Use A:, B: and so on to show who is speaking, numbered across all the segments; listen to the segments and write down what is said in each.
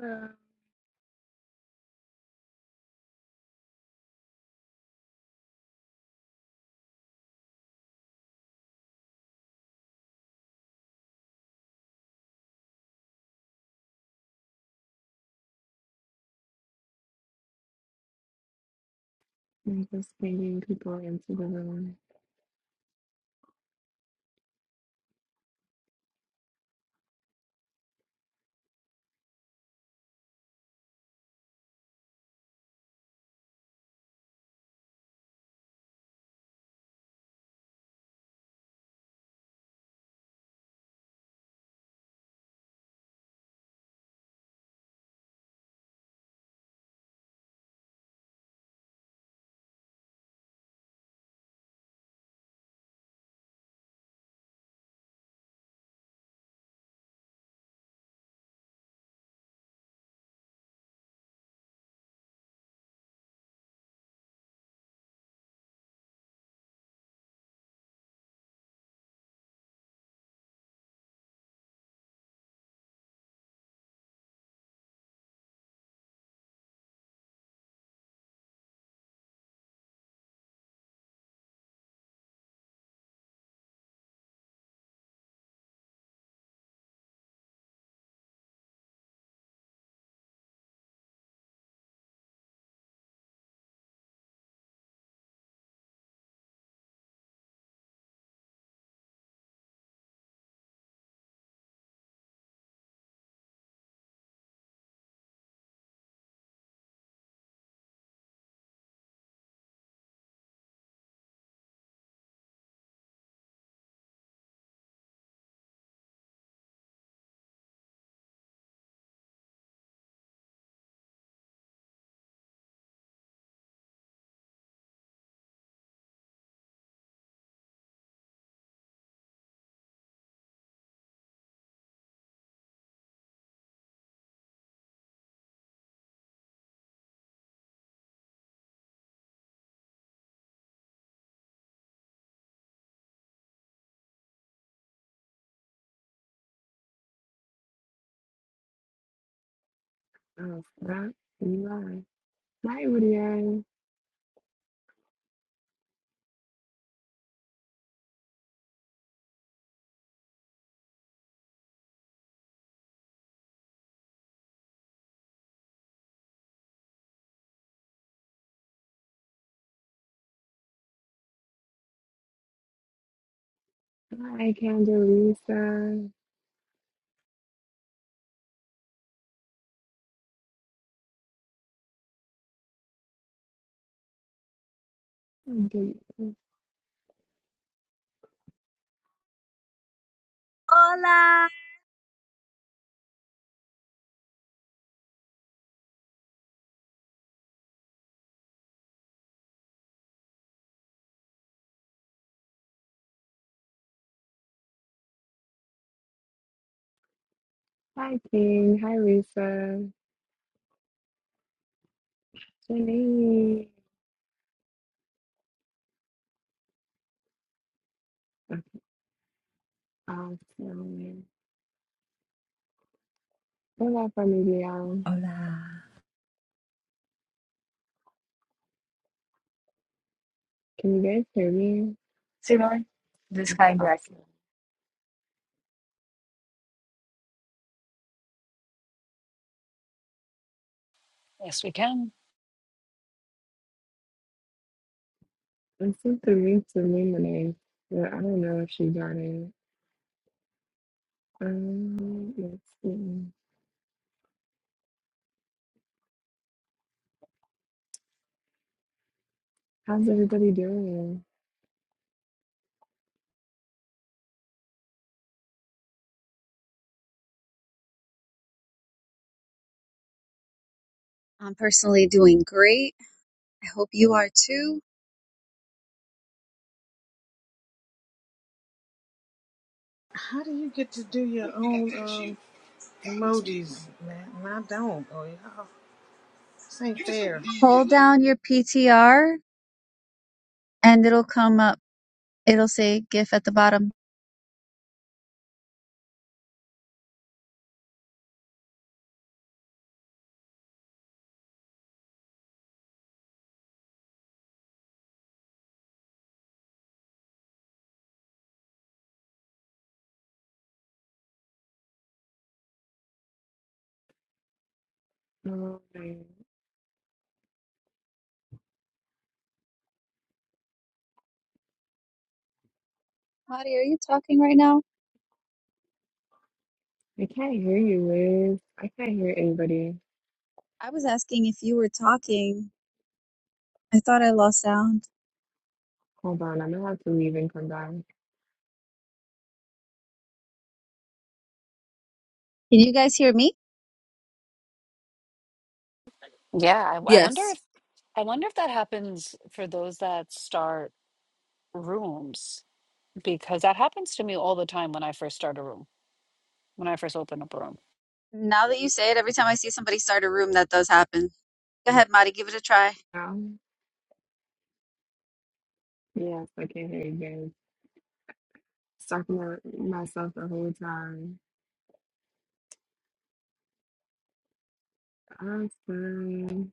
A: Uh, I'm just bringing people into the room. Oh, stop. You are. Hi, Woodrow. Hi, Candelisa.
B: Hola.
A: Hi, King. Hi, Risa. Okay, Awesome. Hola, familia.
C: Hola.
A: Can you guys hear me? Simone, this kind back. Awesome.
D: Yes, we can.
A: It seemed to me to me name, but I don't know if she got it. Um, let's see. How's everybody doing?
B: I'm personally doing great. I hope you are too.
E: How do you get to do your own um, emojis, man? And I don't. Oh, y'all, this ain't fair.
B: Hold down your PTR and it'll come up. It'll say GIF at the bottom.
A: All right.
B: Mari, are you talking right now?
A: I can't hear you, Liz. I can't hear anybody.
B: I was asking if you were talking. I thought I lost sound.
A: Hold on, I'm gonna have to leave and come back.
B: Can you guys hear me?
D: Yeah, I, I wonder
F: Yes.
D: if I wonder if that happens for those that start rooms because that happens to me all the time when I first start a room, when I first open up a room.
B: Now that you say it, every time I see somebody start a room, that does happen. Go ahead, Mari, give it a try.
A: Now, yes, I can hear you guys. Talking about myself the whole time. Awesome,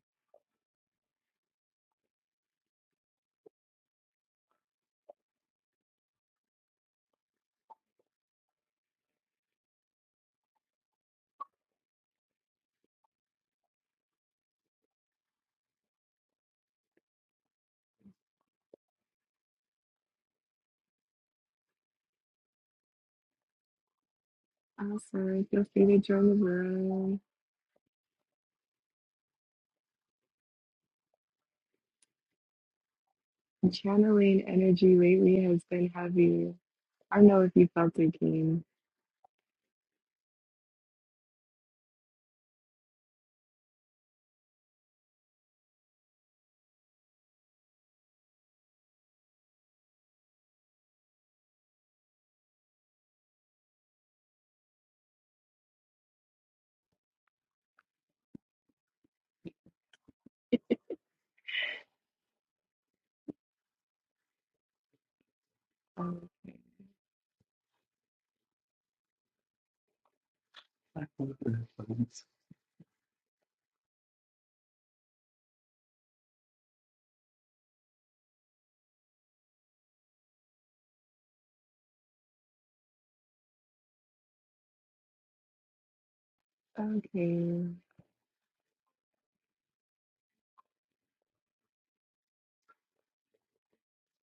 A: awesome. Feel free to join the room. Channeling energy lately has been heavy. I don't know if you felt it, King. Um, okay.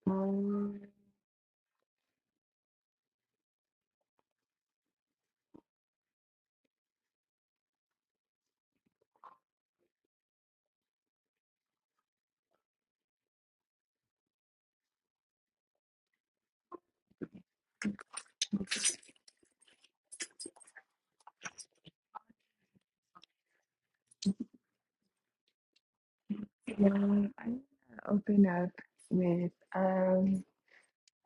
A: Um, yeah, I'm gonna open up with um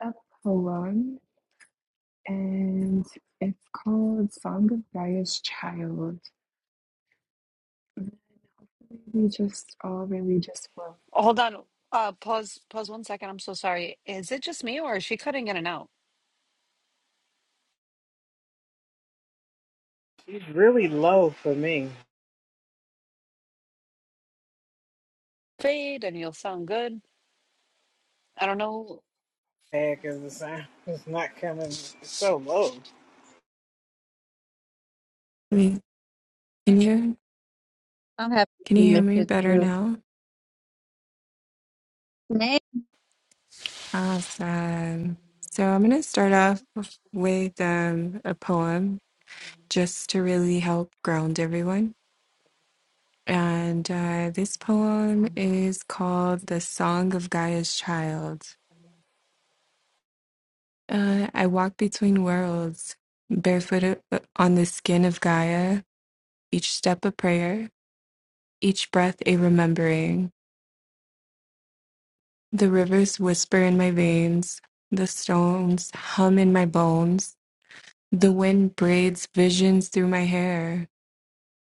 A: a poem. and it's called Song of Gaia's Child. We just all really just flow.
D: Oh, Hold on. Uh, pause. Pause one second. I'm so sorry. Is it just me or is she cutting in and out?
E: It's really low for me.
D: Fade and you'll sound good. I don't know.
E: Yeah, 'cause the sound is not coming. It's so low.
A: Wait, can you
B: I'm happy
A: can you
B: you
A: hear
B: missed
A: me
B: it
A: better
B: too.
A: now?
B: Nay,
A: Awesome. So I'm gonna start off with um, a poem just to really help ground everyone. And uh, this poem is called The Song of Gaia's Child. Uh, I walk between worlds, barefooted on the skin of Gaia, each step a prayer. Each breath a remembering. The rivers whisper in my veins. The stones hum in my bones. The wind braids visions through my hair.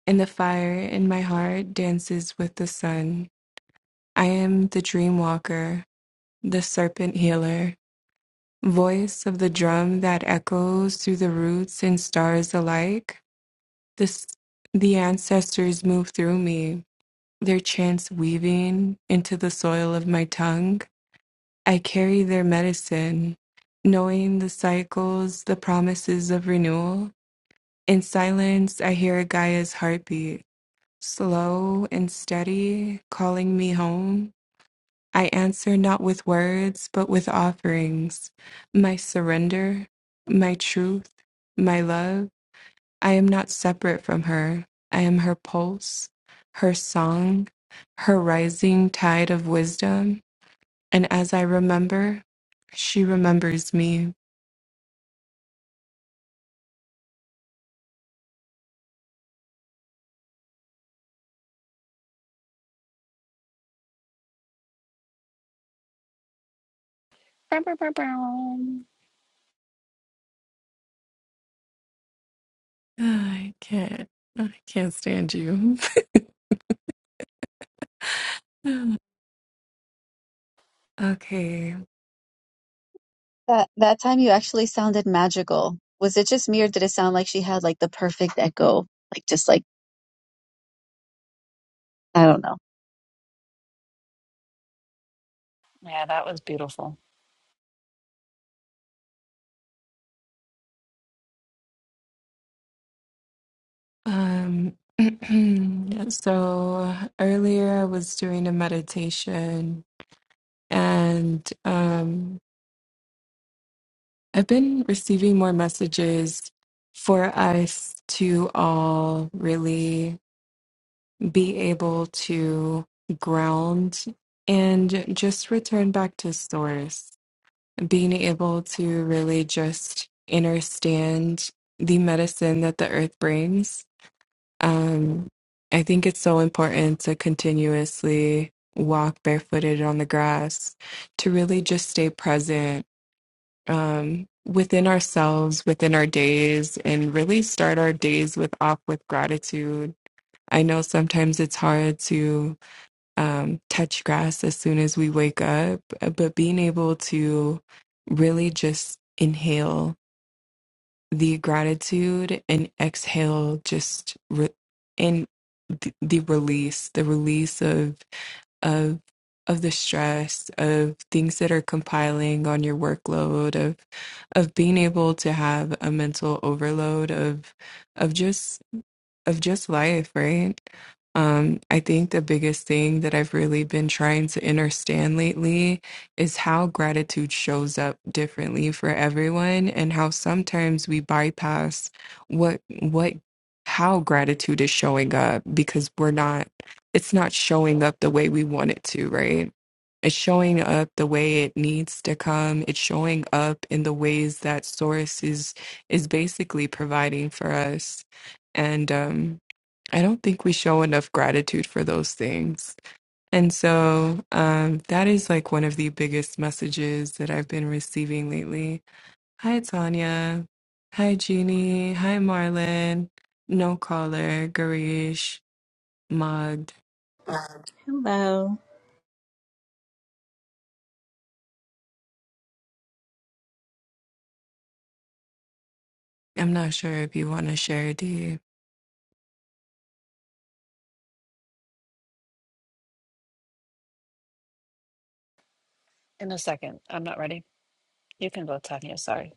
A: And the fire in my heart dances with the sun. I am the dream walker, the serpent healer. Voice of the drum that echoes through the roots and stars alike. This, the ancestors move through me, their chants weaving into the soil of my tongue I carry their medicine, knowing the cycles, the promises of renewal. In silence, I hear Gaia's heartbeat, slow and steady, calling me home. I answer not with words, but with offerings my surrender, my truth, my love. I am not separate from her. I am her pulse, her song, her rising tide of wisdom. And as I remember, she remembers me.
D: Bow, bow, bow, bow.
A: I can't. I can't stand you. okay.
B: that, that time you actually sounded magical. Was it just me or did it sound like she had like the perfect echo? Like just like, I don't know.
D: Yeah, that was beautiful.
A: Um so earlier I was doing a meditation and um I've been receiving more messages for us to all really be able to ground and just return back to source being able to really just understand the medicine that the earth brings. Um, I think it's so important to continuously walk barefooted on the grass, to really just stay present um, within ourselves, within our days, and really start our days with off with gratitude. I know sometimes it's hard to um, touch grass as soon as we wake up, but being able to really just inhale the gratitude and exhale just re- and the, the release, the release of of of the stress of things that are compiling on your workload of of being able to have a mental overload of of just of just life, right? Um, I think the biggest thing that I've really been trying to understand lately is how gratitude shows up differently for everyone and how sometimes we bypass what what how gratitude is showing up because we're not it's not showing up the way we want it to, right? It's showing up the way it needs to come. It's showing up in the ways that source is is basically providing for us. And um I don't think we show enough gratitude for those things. And so um, that is like one of the biggest messages that I've been receiving lately. Hi, Tanya. Hi, Jeannie. Hi, Marlon. No caller, Garish, Mugged.
G: Hello.
A: I'm not sure if you want to share, D.
D: In a second. I'm not ready. You can go, Tanya. Sorry.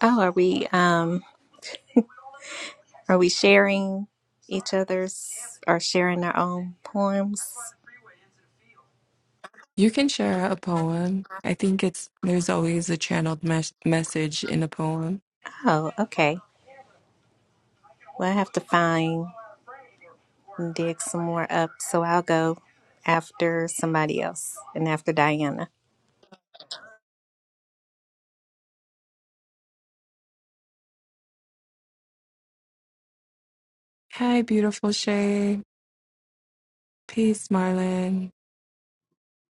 G: Oh, are we um are we sharing each other's or sharing our own poems?
A: You can share a poem. I think it's there's always a channeled mes- message in a poem.
G: Oh, okay. Well, I have to find and dig some more up, so I'll go after somebody else and after Diana.
A: Hi, beautiful Shay. Peace, Marlon.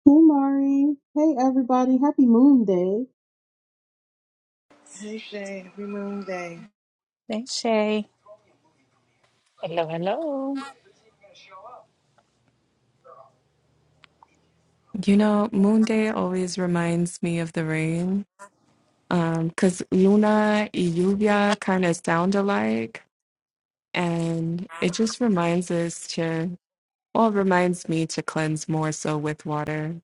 H: Hey, Mari. Hey, everybody. Happy Moon Day.
E: Hey, Shay. Happy Moon Day.
G: Thanks, Shay.
D: Hello, hello.
A: You know, Moon Day always reminds me of the rain. Um, 'cause Luna and Lluvia kind of sound alike, and it just reminds us to, well, it reminds me to cleanse more so with water.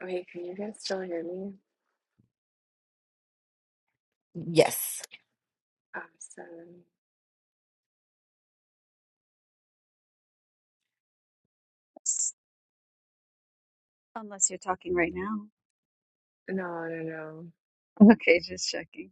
A: Wait, can you guys still hear me?
F: Yes.
A: Awesome.
B: Unless you're talking right now.
A: No, no, no.
B: Okay, just checking.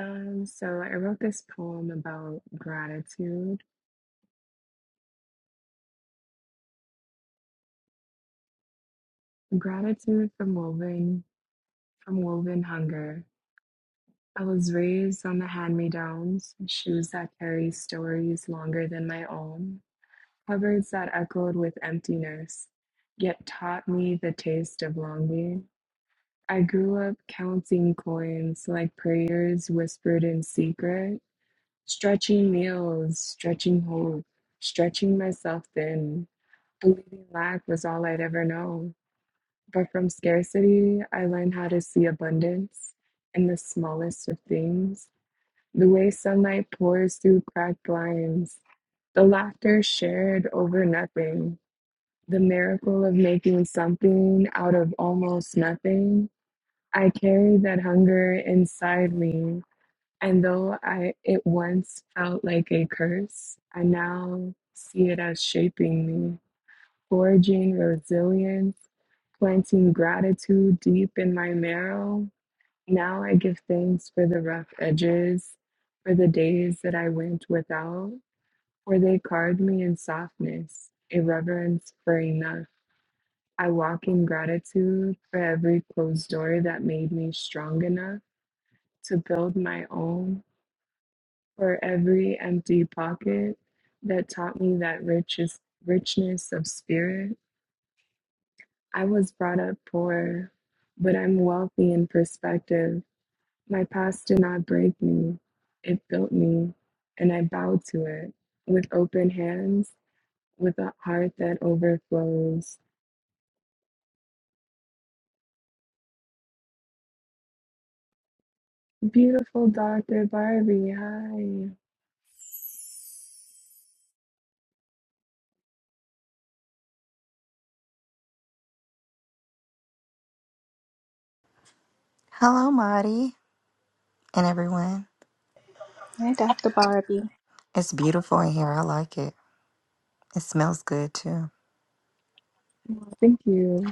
A: Um, so I wrote this poem about gratitude. Gratitude from woven from woven hunger. I was raised on the hand-me-downs, shoes that carry stories longer than my own, cupboards that echoed with emptiness, yet taught me the taste of longing. I grew up counting coins like prayers whispered in secret, stretching meals, stretching hope, stretching myself thin, believing lack was all I'd ever know. But from scarcity, I learned how to see abundance in the smallest of things the way sunlight pours through cracked blinds, the laughter shared over nothing, the miracle of making something out of almost nothing. I carry that hunger inside me, and though I it once felt like a curse, I now see it as shaping me, forging resilience, planting gratitude deep in my marrow, now I give thanks for the rough edges, for the days that I went without, for they carved me in softness, a reverence for enough. I walk in gratitude for every closed door that made me strong enough to build my own, for every empty pocket that taught me that riches, richness of spirit. I was brought up poor, but I'm wealthy in perspective My past did not break me, it built me, and I bow to it with open hands, with a heart that overflows. Beautiful Dr. Barbie, hi.
I: Hello, Marty, and everyone.
G: Hey, Dr. Barbie.
I: It's beautiful in here. I like it. It smells good too.
A: Well, Thank you.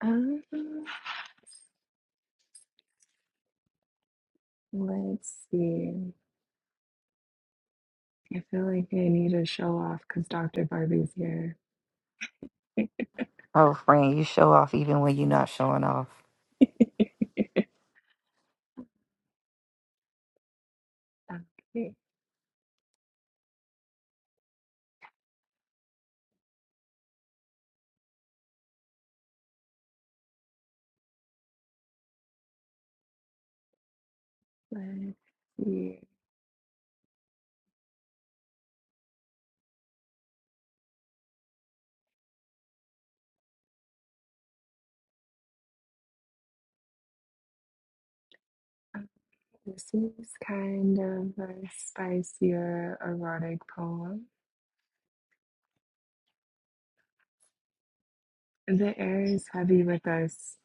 A: Um, let's see. I feel like I need to show off because Dr. Barbie's here.
I: Oh, friend, you show off even when you're not showing off.
A: Okay, let's see. Um, This is kind of a spicier erotic poem. The air is heavy with us.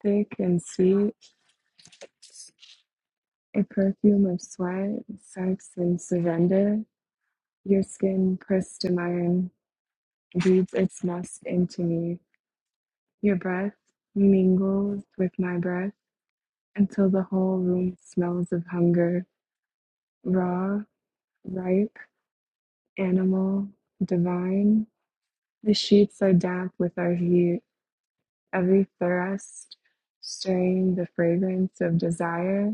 A: Thick and sweet, a perfume of sweat, sex, and surrender. Your skin pressed to mine breathes its musk into me. Your breath mingles with my breath until the whole room smells of hunger. Raw, ripe, animal, divine. The sheets are damp with our heat, every thrust stirring the fragrance of desire,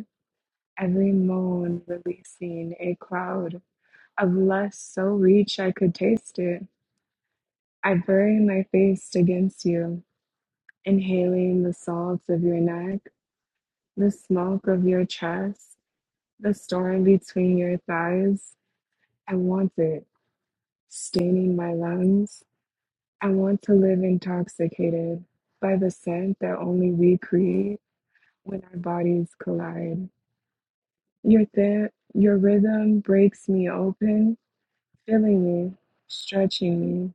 A: every moan releasing a cloud Unless so rich I could taste it, I bury my face against you, inhaling the salt of your neck, the smoke of your chest, the storm between your thighs. I want it, staining my lungs. I want to live intoxicated by the scent that only we create when our bodies collide. Your th- your rhythm breaks me open, filling me, stretching me.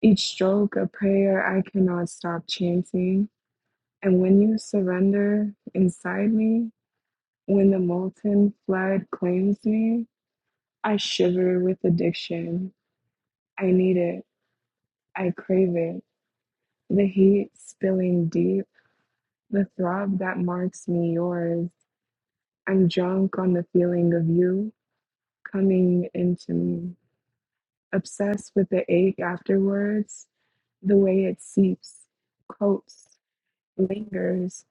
A: Each stroke a prayer I cannot stop chanting. And when you surrender inside me, when the molten flood claims me, I shiver with addiction. I need it. I crave it. The heat spilling deep, the throb that marks me yours. I'm drunk on the feeling of you coming into me, obsessed with the ache afterwards, the way it seeps, coats, lingers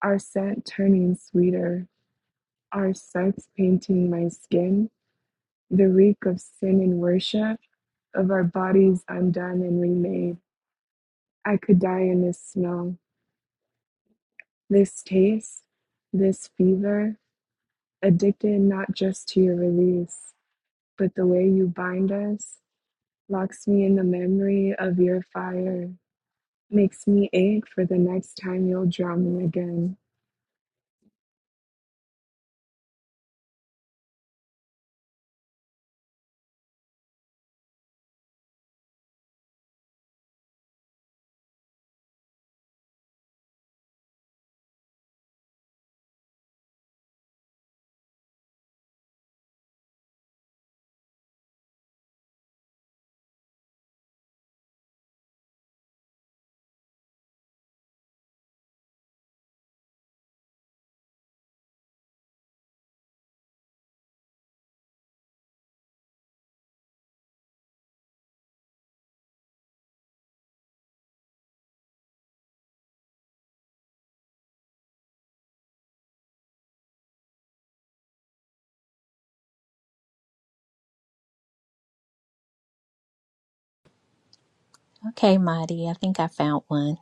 A: Our scent turning sweeter, our scents painting my skin, the reek of sin and worship, of our bodies undone and remade. I could die in this smell, this taste, this fever, addicted not just to your release, but the way you bind us, locks me in the memory of your fire, makes me ache for the next time you'll draw me again.
G: Okay, Marty, I think I found one.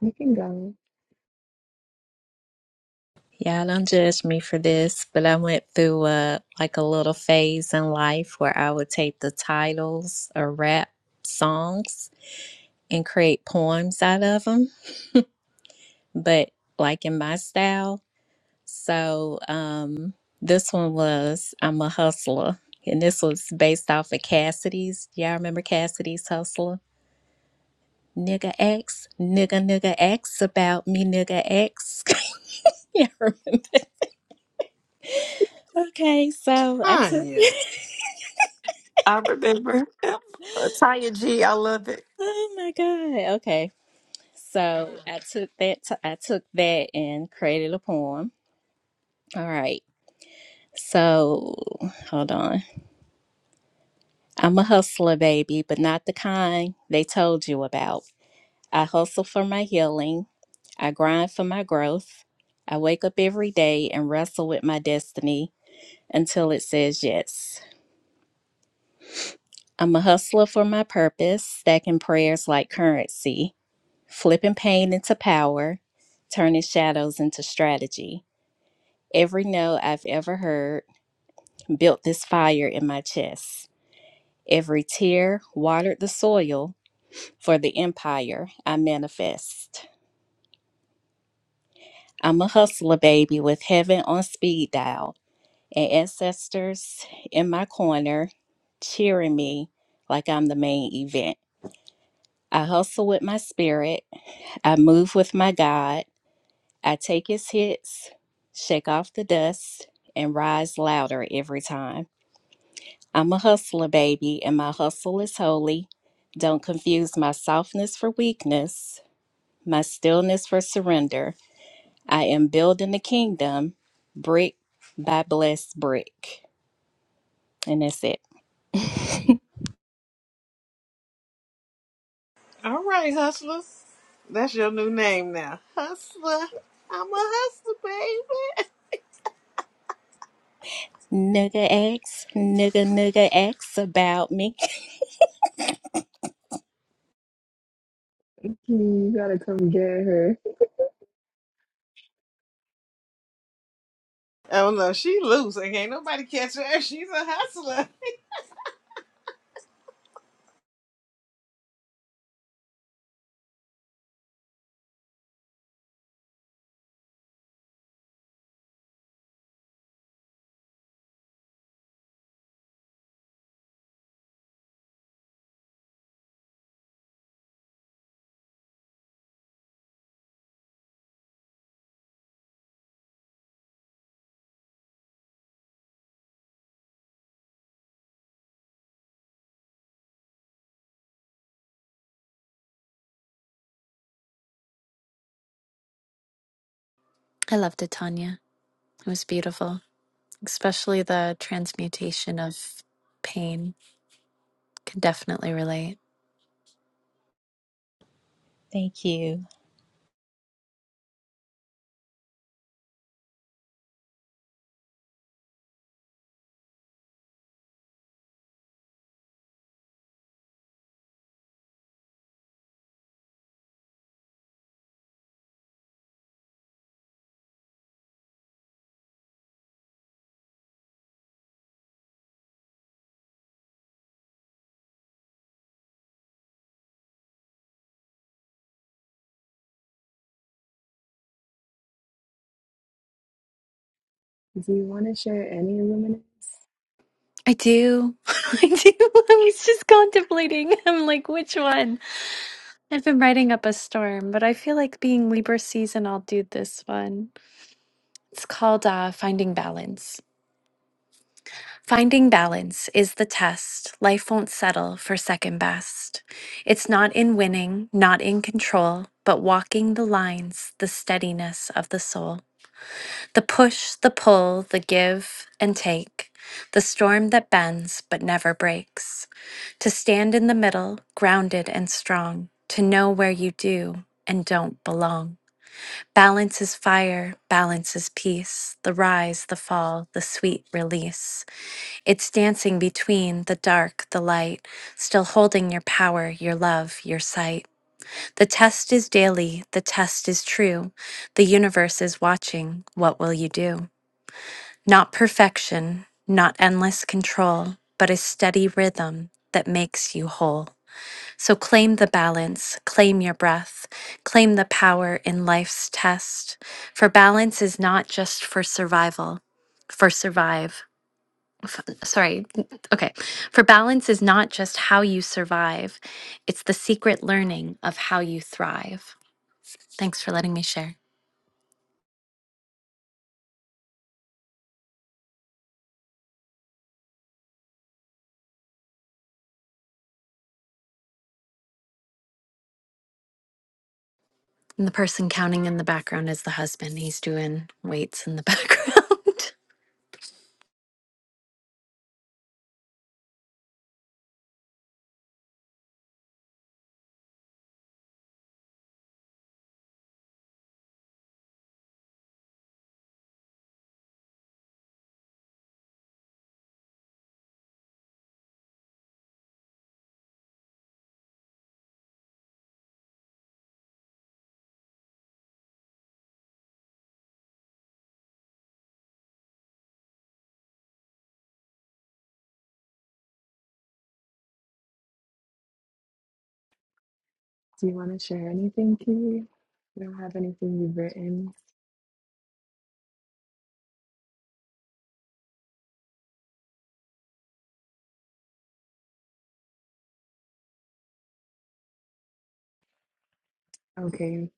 A: You can go.
G: Y'all don't judge me for this, but I went through uh like a little phase in life where I would take the titles of rap songs and create poems out of them, but like in my style. So um, this one was I'm a hustler, and this was based off of Cassidy's. Y'all remember Cassidy's Hustler? Nigga X, nigga nigga X about me nigga X. yeah, remember? Okay, so I took.
E: Anya.
I: I remember. Tanya G, I love it.
G: oh my god. Okay, so I took that. T- I took that and created a poem. All right. So hold on. I'm a hustler, baby, but not the kind they told you about. I hustle for my healing. I grind for my growth. I wake up every day and wrestle with my destiny until it says yes. I'm a hustler for my purpose, stacking prayers like currency, flipping pain into power, turning shadows into strategy. Every no I've ever heard built this fire in my chest. Every tear watered the soil For the empire I manifest. I'm a hustler baby with heaven on speed dial and ancestors in my corner cheering me like I'm the main event. I hustle with my spirit. I move with my God. I take his hits, shake off the dust, and rise louder every time. I'm a hustler baby and my hustle is holy. Don't confuse my softness for weakness, my stillness for surrender. I am building the kingdom brick by blessed brick. And that's it.
E: All right, Hustler. That's your new name now. Hustler. I'm a hustler, baby.
G: Nigga X, nigga, nigga X about me.
A: You gotta come get her.
E: Oh, no. She loose. Ain't nobody catch her. She's a hustler.
J: I loved it, Tanya. It was beautiful, especially the transmutation of pain. Can definitely relate.
G: Thank you.
A: Do you want to share any luminous?
J: I do. I do. I was just contemplating. I'm like, which one? I've been writing up a storm, but I feel like being Libra season, I'll do this one. It's called uh, Finding Balance. Finding balance is the test. Life won't settle for second best. It's not in winning, not in control, but walking the lines, the steadiness of the soul. The push, the pull, the give and take, the storm that bends but never breaks. To stand in the middle, grounded and strong, to know where you do and don't belong. Balance is fire, balance is peace, the rise, the fall, the sweet release. It's dancing between the dark, the light, still holding your power, your love, your sight. The test is daily, the test is true. The universe is watching. What will you do? Not perfection, not endless control, but a steady rhythm that makes you whole. So claim the balance, claim your breath, claim the power in life's test. For balance is not just for survival, for survive. Sorry, okay. For balance is not just how you survive, it's the secret learning of how you thrive. Thanks for letting me share. And the person counting in the background is the husband. He's doing weights in the background.
A: Do you want to share anything, Kitty? You don't have anything you've written. Okay,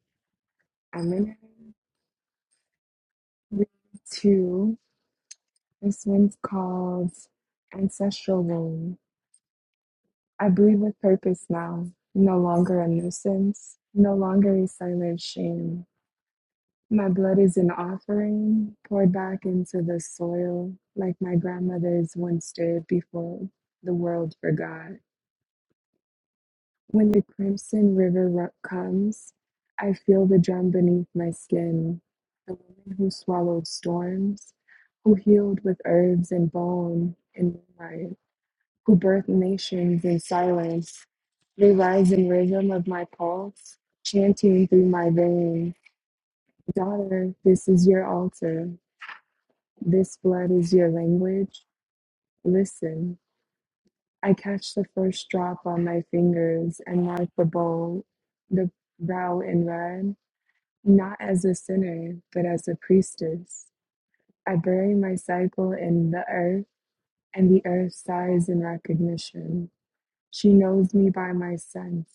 A: I'm gonna read two. This one's called Ancestral Womb. I breathe with purpose now, no longer a nuisance, no longer a silent shame. My blood is an offering poured back into the soil, like my grandmother's once did before the world forgot. When the crimson river ru- comes, I feel the drum beneath my skin. The woman who swallowed storms, who healed with herbs and balm and moonlight, who birthed nations in silence, they rise in rhythm of my pulse, chanting through my veins. Daughter, this is your altar. This blood is your language. Listen. I catch the first drop on my fingers and mark the bowl, the brow in red, not as a sinner, but as a priestess. I bury my cycle in the earth, and the earth sighs in recognition. She knows me by my scent,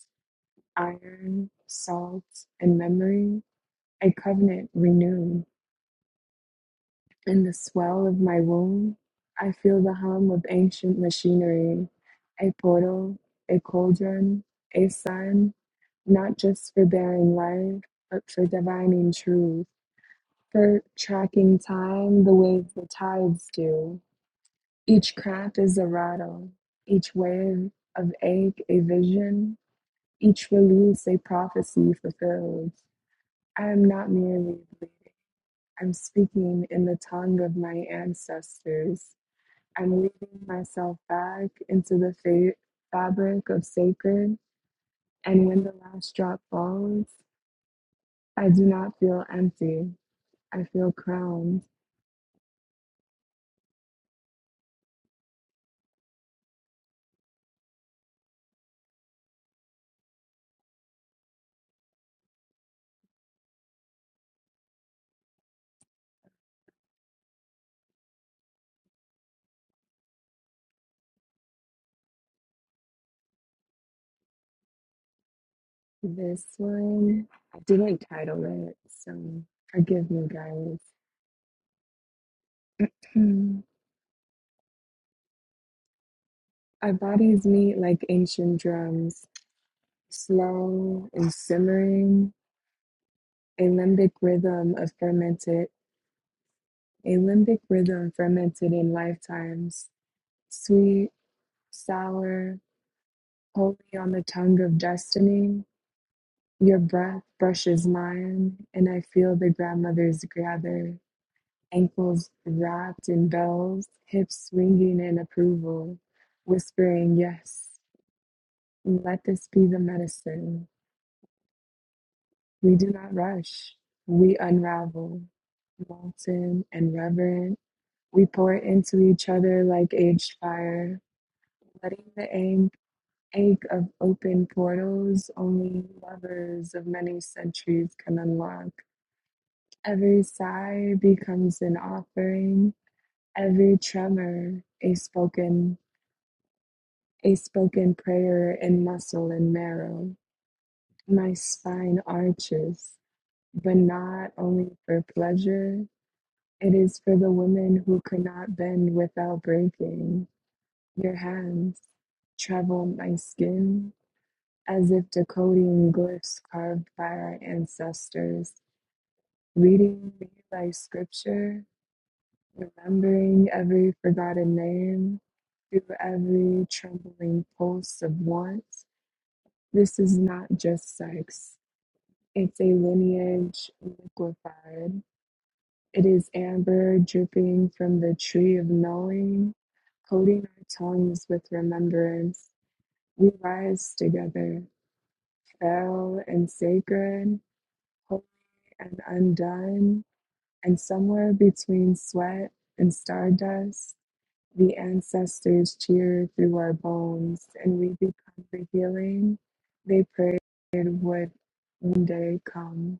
A: iron, salt, and memory, a covenant renewed. In the swell of my womb, I feel the hum of ancient machinery, a portal, a cauldron, a sun, not just for bearing life, but for divining truth, for tracking time the way the tides do. Each crack is a rattle, each wave of ache a vision, each release a prophecy fulfilled. I am not merely bleeding, I'm speaking in the tongue of my ancestors. I'm weaving myself back into the fa- fabric of sacred, and when the last drop falls, I do not feel empty. I feel crowned. This one, I didn't title it, so forgive me, guys. Hmm. Our bodies meet like ancient drums, slow and simmering, a limbic rhythm of fermented, a limbic rhythm fermented in lifetimes, sweet, sour, Holy on the tongue of destiny. Your breath brushes mine, and I feel the grandmothers gather, ankles wrapped in bells, hips swinging in approval, whispering, Yes, let this be the medicine. We do not rush, we unravel. Molten and reverent, we pour into each other like aged fire, letting the aim. egg of open portals only lovers of many centuries can unlock. Every sigh becomes an offering, every tremor a spoken a spoken prayer in muscle and marrow. My spine arches, but not only for pleasure. It is for the women who could not bend without breaking. Your hands travel my skin, as if decoding glyphs carved by our ancestors, reading me like scripture, remembering every forgotten name, through every trembling pulse of want. This is not just sex, it's a lineage liquefied. It is amber dripping from the tree of knowing, coating our tongues with remembrance. We rise together, fell and sacred, and undone, and somewhere between sweat and stardust, the ancestors cheer through our bones, and we become the healing they prayed would one day come.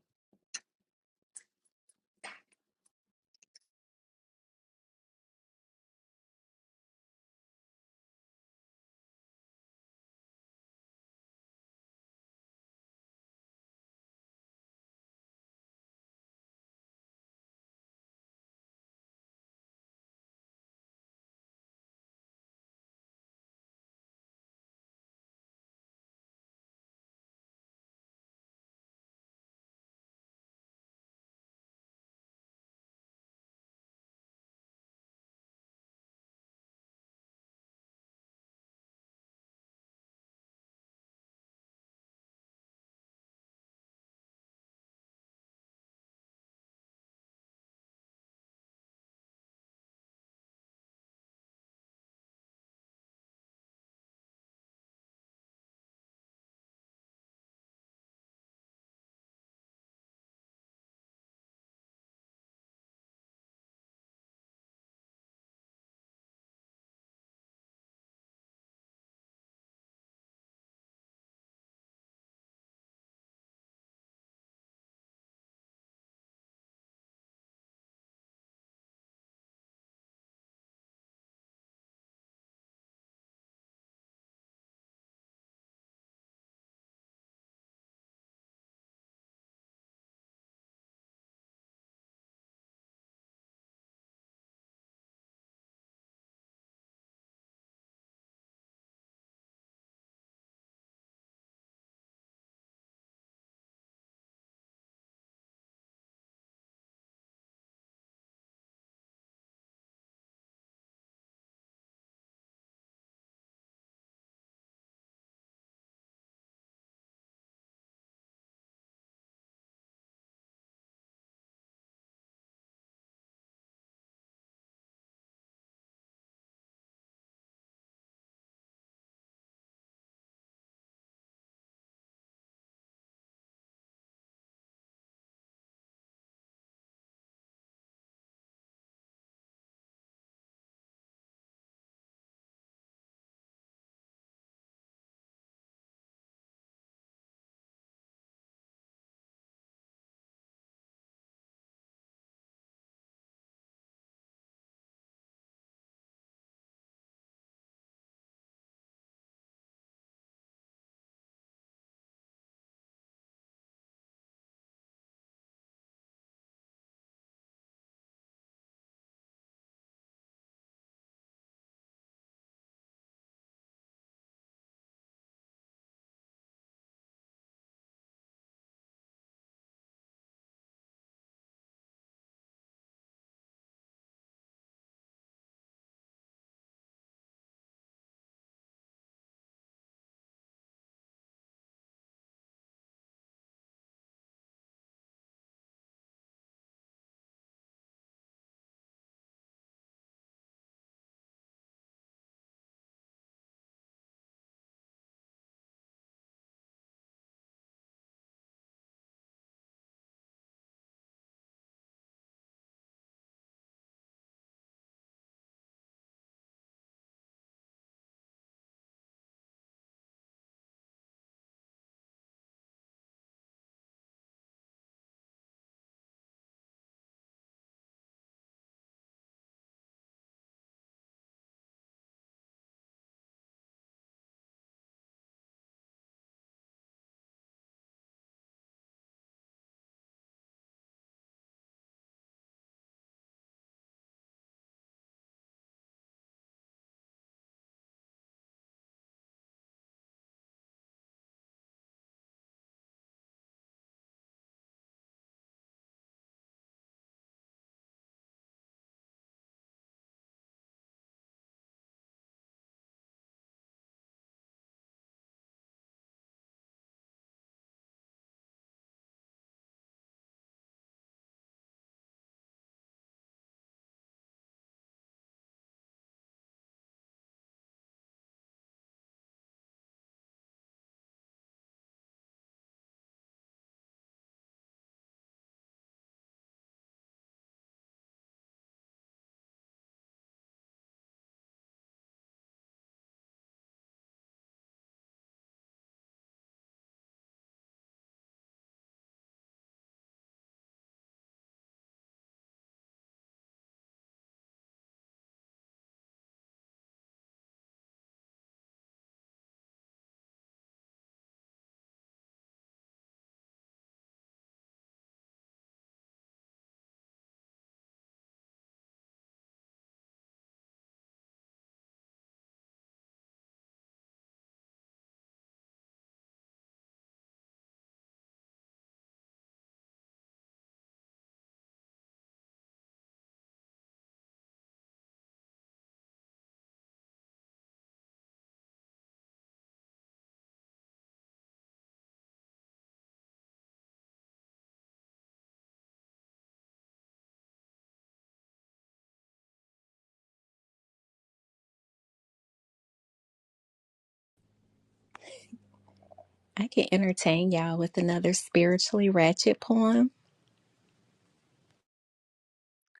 G: I can entertain y'all with another spiritually ratchet poem.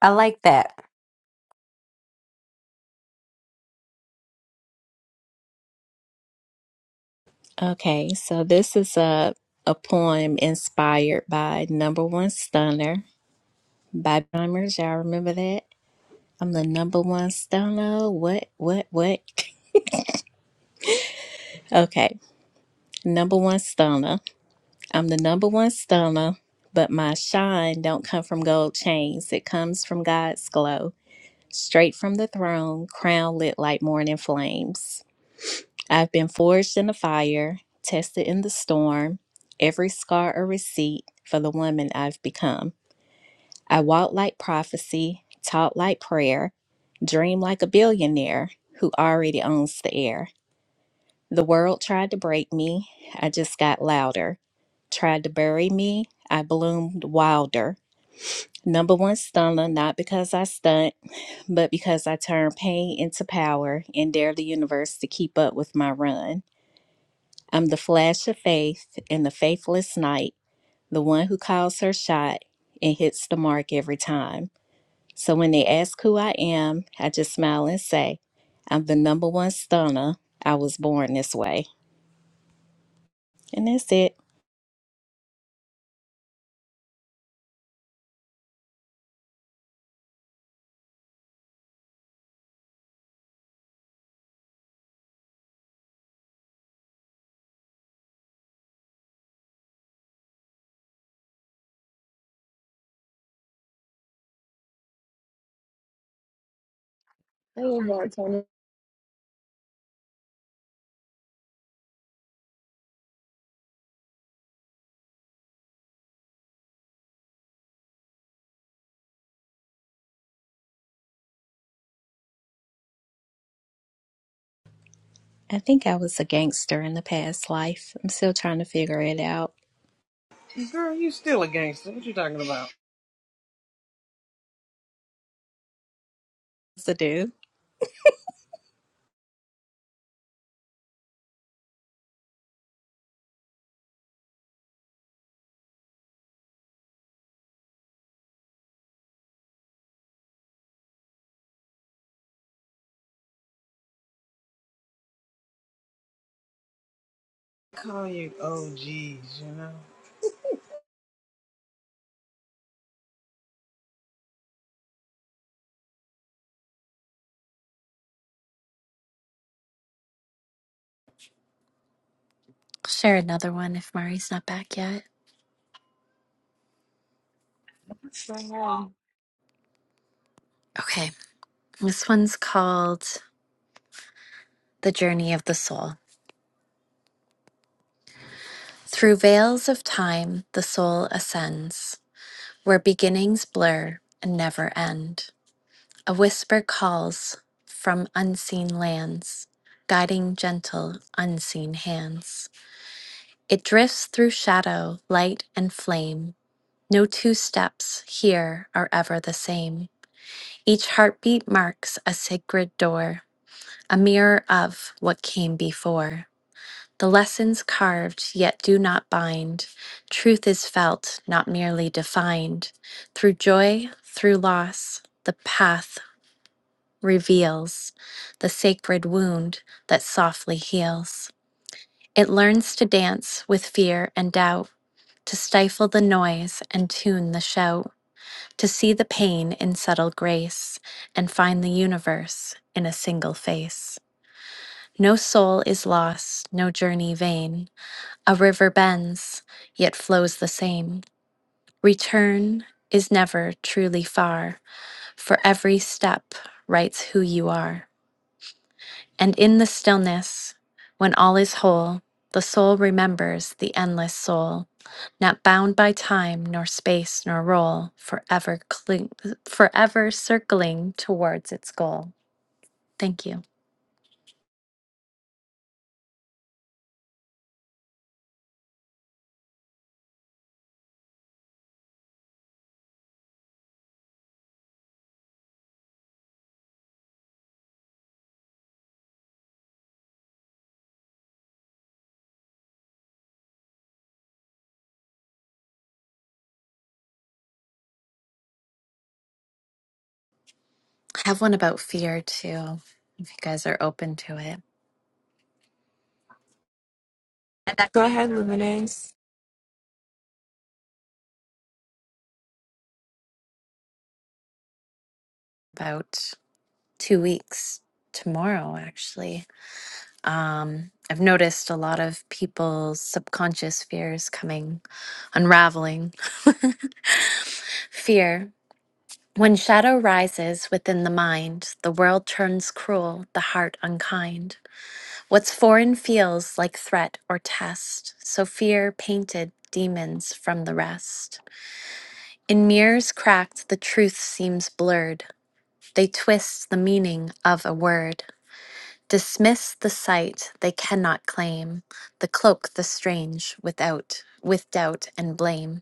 F: I like that.
G: Okay, so this is a, a poem inspired by Number One Stunner by Bummers. Y'all remember that? I'm the number one stunner. What, what, what? Okay, number one stunner. I'm the number one stunner, but my shine don't come from gold chains. It comes from God's glow, straight from the throne, crown lit like morning flames. I've been forged in the fire, tested in the storm, every scar a receipt for the woman I've become. I walk like prophecy, talk like prayer, dream like a billionaire who already owns the air. The world tried to break me. I just got louder. Tried to bury me. I bloomed wilder. Number one stunner, not because I stunt, but because I turn pain into power and dare the universe to keep up with my run. I'm the flash of faith in the faithless night, the one who calls her shot and hits the mark every time. So when they ask who I am, I just smile and say, I'm the number one stunner. I was born this way. And that's it.
A: I love that.
G: I think I was a gangster in the past life. I'm still trying to figure it out.
E: Girl, you still a gangster. What you talking about?
G: So do.
E: call you OGs, you know?
J: share another one if Mari's not back yet. Okay, this one's called The Journey of the Soul. Through veils of time, the soul ascends, where beginnings blur and never end. A whisper calls from unseen lands, guiding gentle, unseen hands. It drifts through shadow, light, and flame. No two steps here are ever the same. Each heartbeat marks a sacred door a mirror of what came before. The lessons carved yet do not bind. Truth is felt, not merely defined. Through joy, through loss, the path reveals the sacred wound that softly heals. It learns to dance with fear and doubt, to stifle the noise and tune the shout, to see the pain in subtle grace and find the universe in a single face. No soul is lost, no journey vain. A river bends, yet flows the same. Return is never truly far, for every step writes who you are. And in the stillness, when all is whole, the soul remembers the endless soul, not bound by time nor space nor role, forever cling, forever circling towards its goal. Thank you. I have one about fear too, if you guys are open to it.
A: Go ahead, Luminous.
J: about two weeks tomorrow, actually. Um, I've noticed a lot of people's subconscious fears coming, unraveling. Fear. When shadow rises within the mind, the world turns cruel, the heart unkind. What's foreign feels like threat or test, so fear painted demons from the rest. In mirrors cracked, the truth seems blurred. They twist the meaning of a word. Dismiss the sight they cannot claim, the cloak the strange without with doubt and blame.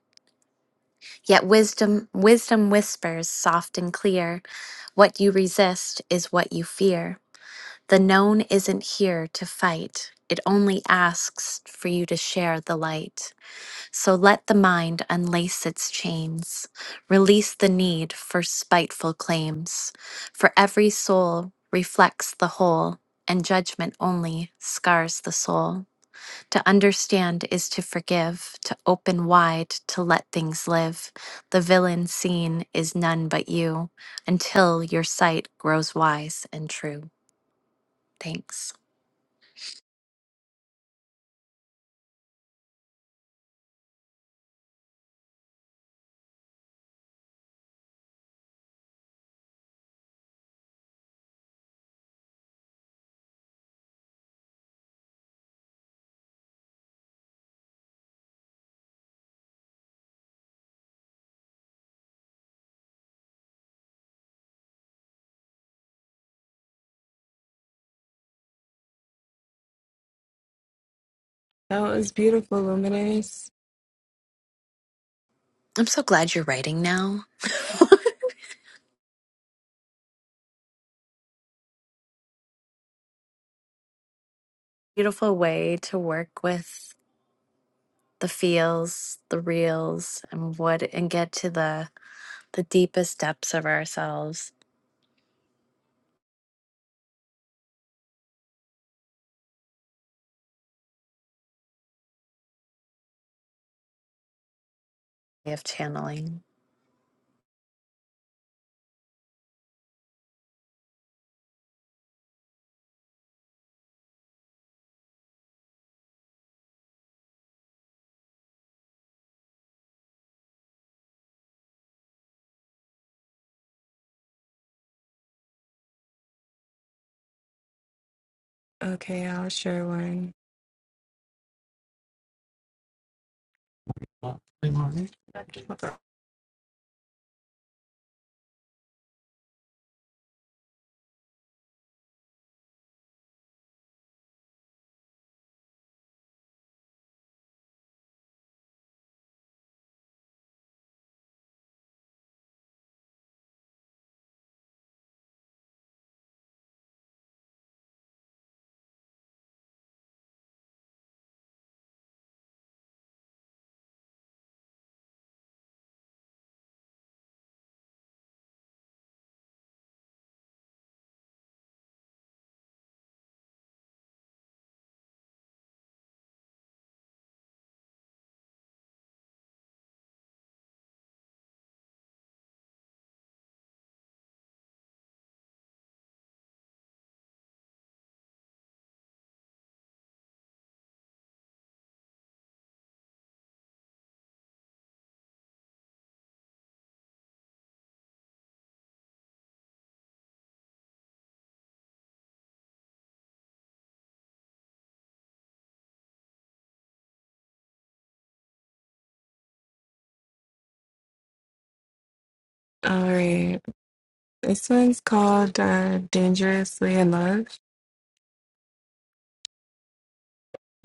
J: Yet wisdom wisdom whispers soft and clear, what you resist is what you fear. The known isn't here to fight. It only asks for you to share the light. So let the mind unlace its chains, release the need for spiteful claims. For every soul reflects the whole, and judgment only scars the soul. To understand is to forgive, to open wide, to let things live. The villain seen is none but you, until your sight grows wise and true. Thanks.
A: That was beautiful, Luminous.
J: I'm so glad you're writing now. Beautiful way to work with the feels, the reels, and what and get to the the deepest depths of ourselves of channeling.
A: Okay, I'll share one. All right. This one's called uh, Dangerously in Love.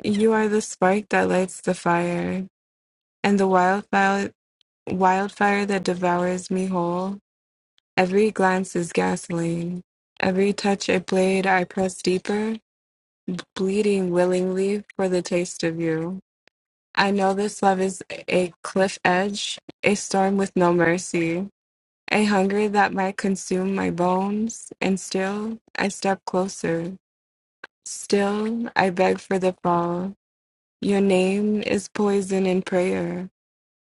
A: You are the spark that lights the fire. And the wildfire, wildfire that devours me whole, every glance is gasoline. Every touch a blade I press deeper, bleeding willingly for the taste of you. I know this love is a cliff edge, a storm with no mercy, a hunger that might consume my bones, and still I step closer. Still I beg for the fall. Your name is poison and prayer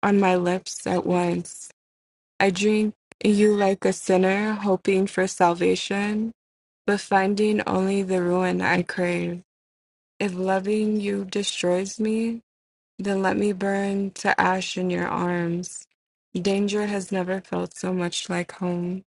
A: on my lips at once. I drink you like a sinner, hoping for salvation, but finding only the ruin I crave. If loving you destroys me, then let me burn to ash in your arms. Danger has never felt so much like home.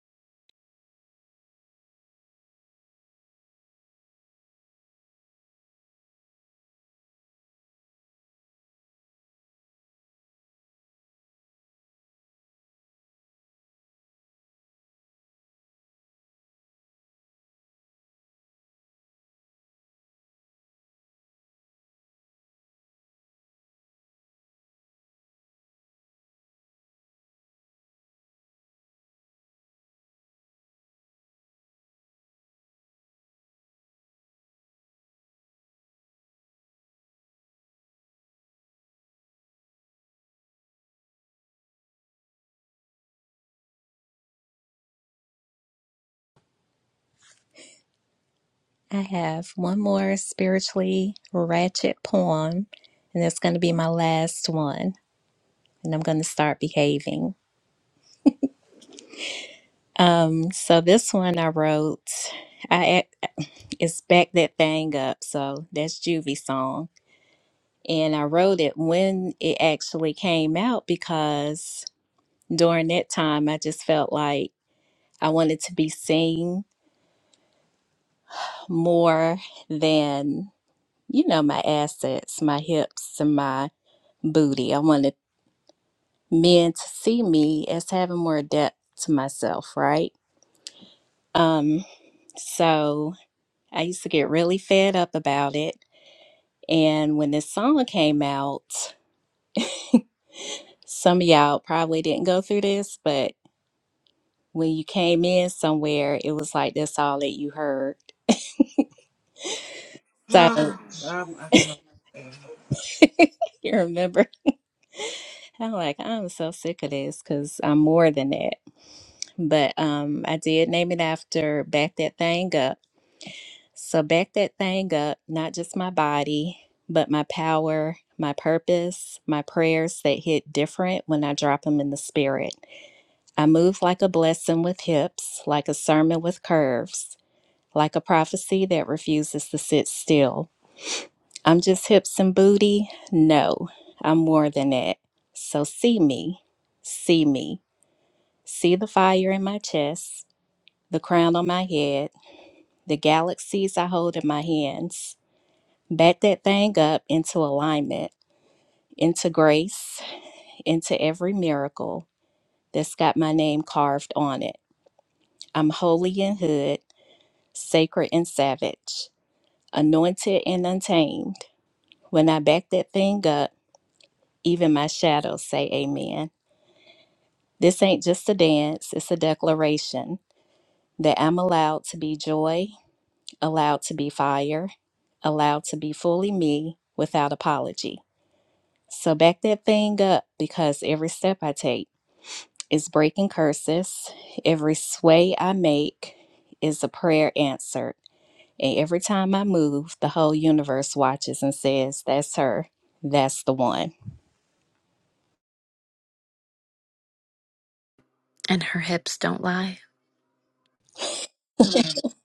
G: I have one more spiritually ratchet poem, and that's going to be my last one, and I'm going to start behaving. Um, so this one I wrote, I it's back that thing up, so that's Juvie song, and I wrote it when it actually came out because during that time I just felt like I wanted to be seen more than, you know, my assets, my hips, and my booty. I wanted men to see me as having more depth to myself, right? Um, so I used to get really fed up about it. And when this song came out, some of y'all probably didn't go through this, but when you came in somewhere, it was like that's all that you heard. So
E: I, I can understand.
G: you remember? I'm like, I'm so sick of this because I'm more than that. But um, I did name it after Back That Thing Up. So, back that thing up, not just my body, but my power, my purpose, my prayers that hit different when I drop them in the spirit. I move like a blessing with hips, like a sermon with curves, like a prophecy that refuses to sit still. I'm just hips and booty? No, I'm more than that. So, see me, see me, see the fire in my chest, the crown on my head The galaxies I hold in my hands. Back that thing up into alignment, into grace, into every miracle that's got my name carved on it. I'm holy and hood, sacred and savage, anointed and untamed. When I back that thing up, even my shadows say amen. This ain't just a dance, it's a declaration that I'm allowed to be joy, allowed to be fire, allowed to be fully me without apology. So back that thing up because every step I take is breaking curses. Every sway I make is a prayer answered. And every time I move, the whole universe watches and says, That's her. That's the one.
J: And her hips don't lie.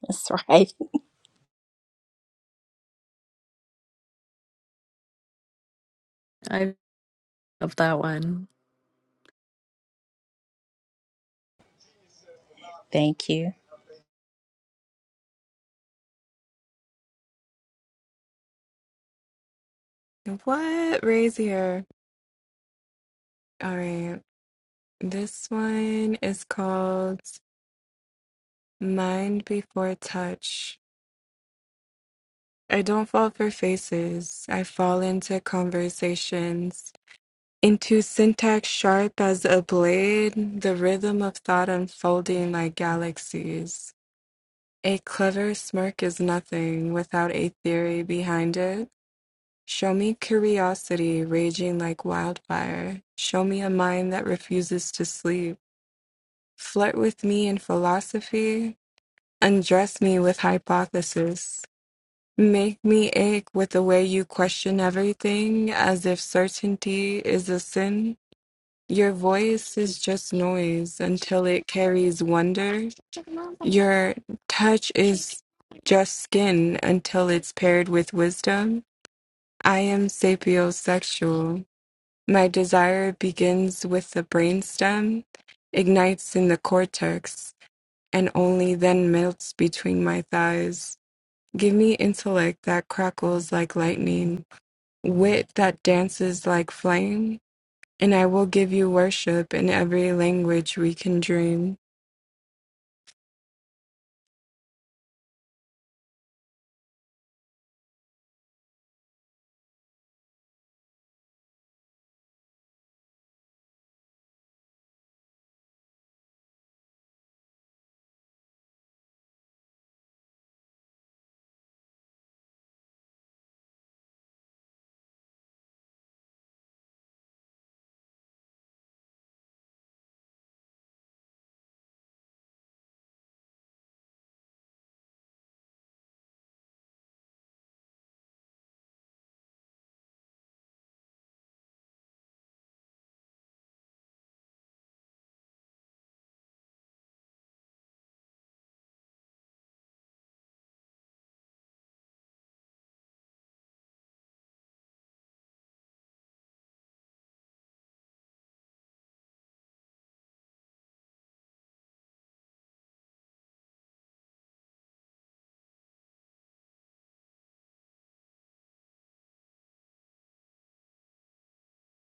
G: That's right.
J: I love that one.
G: Thank you.
A: What? Raise here. All right. This one is called Mind Before Touch. I don't fall for faces. I fall into conversations. Into syntax sharp as a blade, the rhythm of thought unfolding like galaxies. A clever smirk is nothing without a theory behind it. Show me curiosity raging like wildfire. Show me a mind that refuses to sleep. Flirt with me in philosophy. Undress me with hypothesis. Make me ache with the way you question everything as if certainty is a sin. Your voice is just noise until it carries wonder. Your touch is just skin until it's paired with wisdom. I am sapiosexual. My desire begins with the brainstem, ignites in the cortex, and only then melts between my thighs. Give me intellect that crackles like lightning, wit that dances like flame, and I will give you worship in every language we can dream.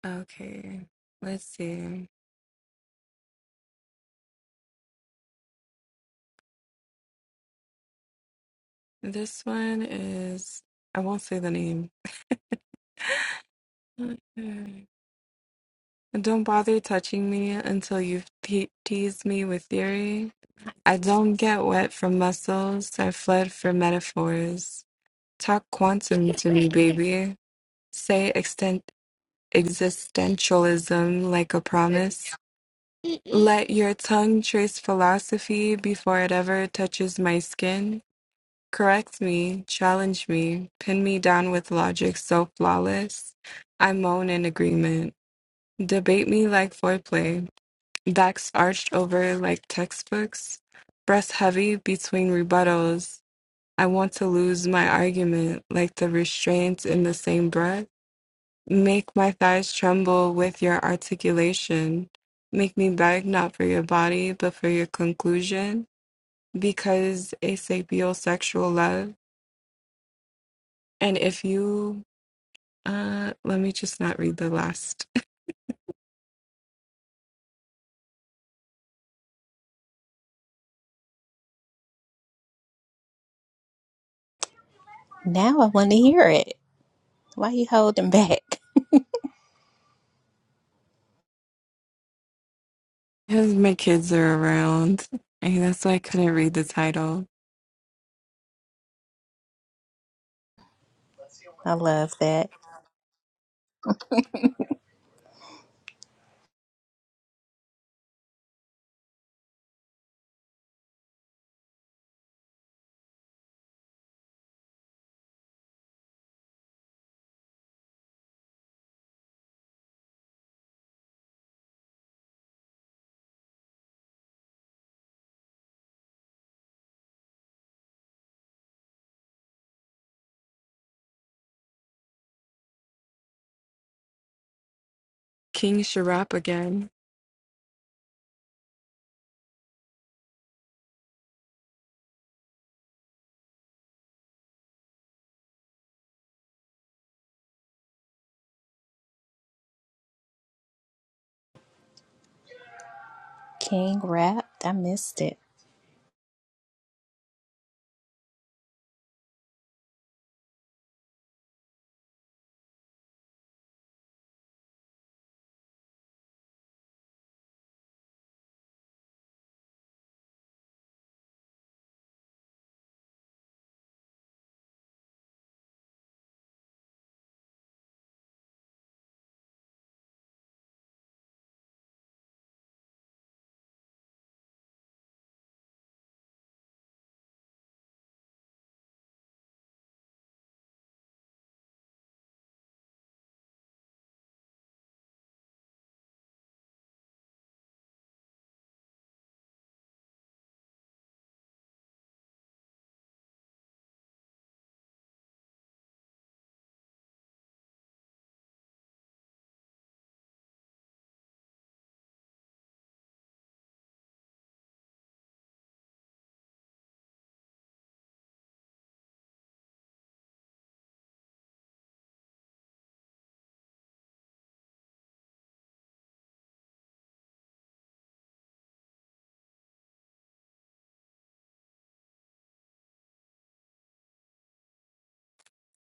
A: Okay, let's see. This one is, I won't say the name. Okay. Don't bother touching me until you've te- teased me with theory. I don't get wet from muscles, I fled for metaphors. Talk quantum to me, baby. Say extent existentialism like a promise. Let your tongue trace philosophy before it ever touches my skin. Correct me, challenge me, pin me down with logic so flawless. I moan in agreement. Debate me like foreplay, backs arched over like textbooks, breast heavy between rebuttals. I want to lose my argument like the restraints in the same breath. Make my thighs tremble with your articulation. Make me beg not for your body, but for your conclusion, because a sapiosexual love. And if you, uh, let me just not read the last.
G: Now I want to hear it. Why you holding back?
A: Because my kids are around, and that's why I couldn't read the title.
G: I love that.
A: King Sharap again.
G: King rapped. I missed it.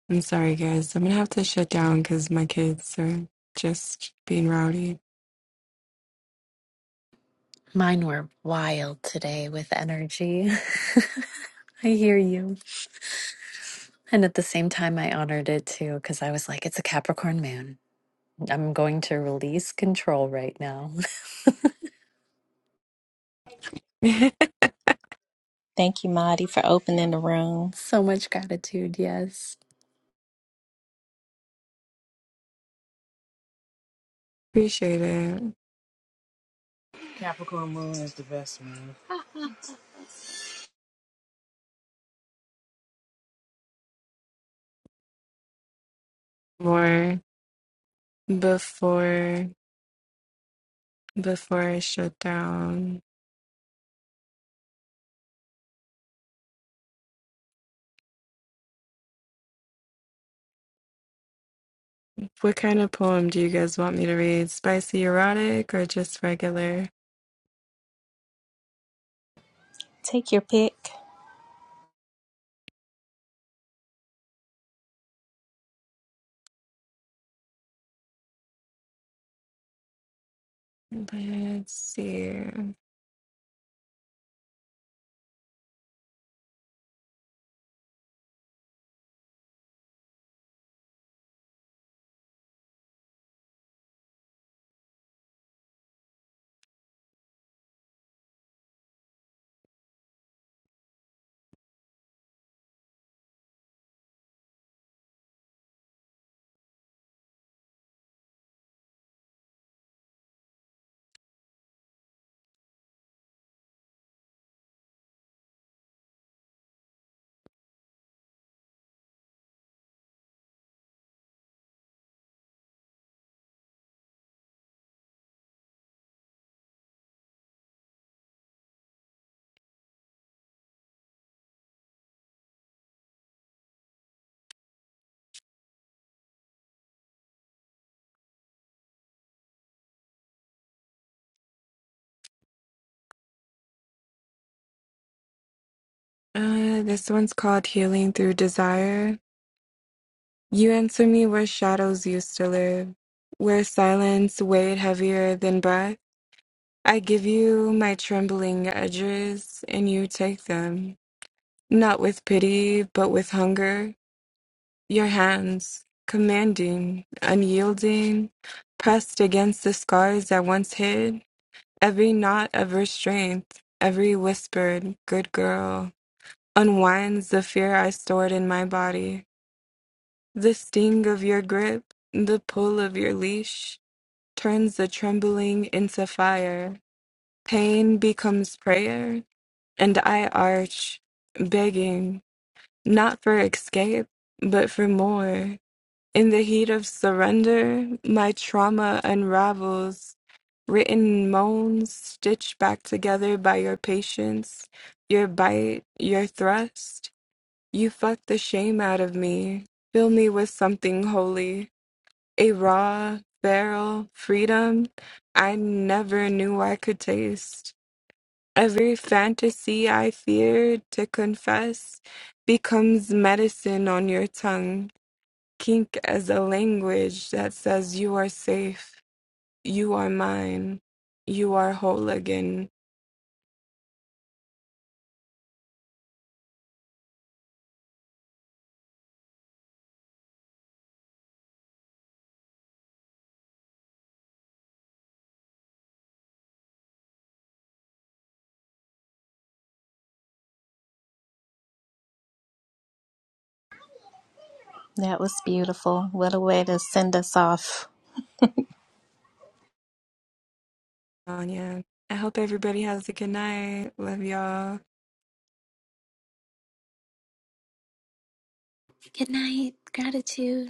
A: I'm sorry, guys. I'm gonna have to shut down because my kids are just being rowdy.
J: Mine were wild today with energy. I hear you. And at the same time, I honored it too, because I was like, it's a Capricorn moon. I'm going to release control right now.
G: Thank you, Marty, for opening the room.
J: so much gratitude. Yes.
A: Appreciate it
E: Capricorn Moon is the best, man.
A: more before before I shut down. What kind of poem do you guys want me to read? Spicy erotic or just regular?
G: Take your pick.
A: Let's see. Uh, this one's called Healing Through Desire. You answer me where shadows used to live, where silence weighed heavier than breath. I give you my trembling edges, and you take them, not with pity, but with hunger. Your hands, commanding, unyielding, pressed against the scars that once hid, every knot of restraint, every whispered, good girl, unwinds the fear I stored in my body. The sting of your grip, the pull of your leash, turns the trembling into fire. Pain becomes prayer, and I arch, begging, not for escape, but for more. In the heat of surrender, my trauma unravels, written moans stitched back together by your patience, your bite, your thrust. You fucked the shame out of me. Fill me with something holy a raw barrel freedom I never knew I could taste. Every fantasy I feared to confess becomes medicine on your tongue, kink as a language that says you are safe, you are mine, you are whole again.
G: That was beautiful. What a way to send us off
A: Anya. I hope everybody has a good night. Love y'all.
J: Good night. Gratitude.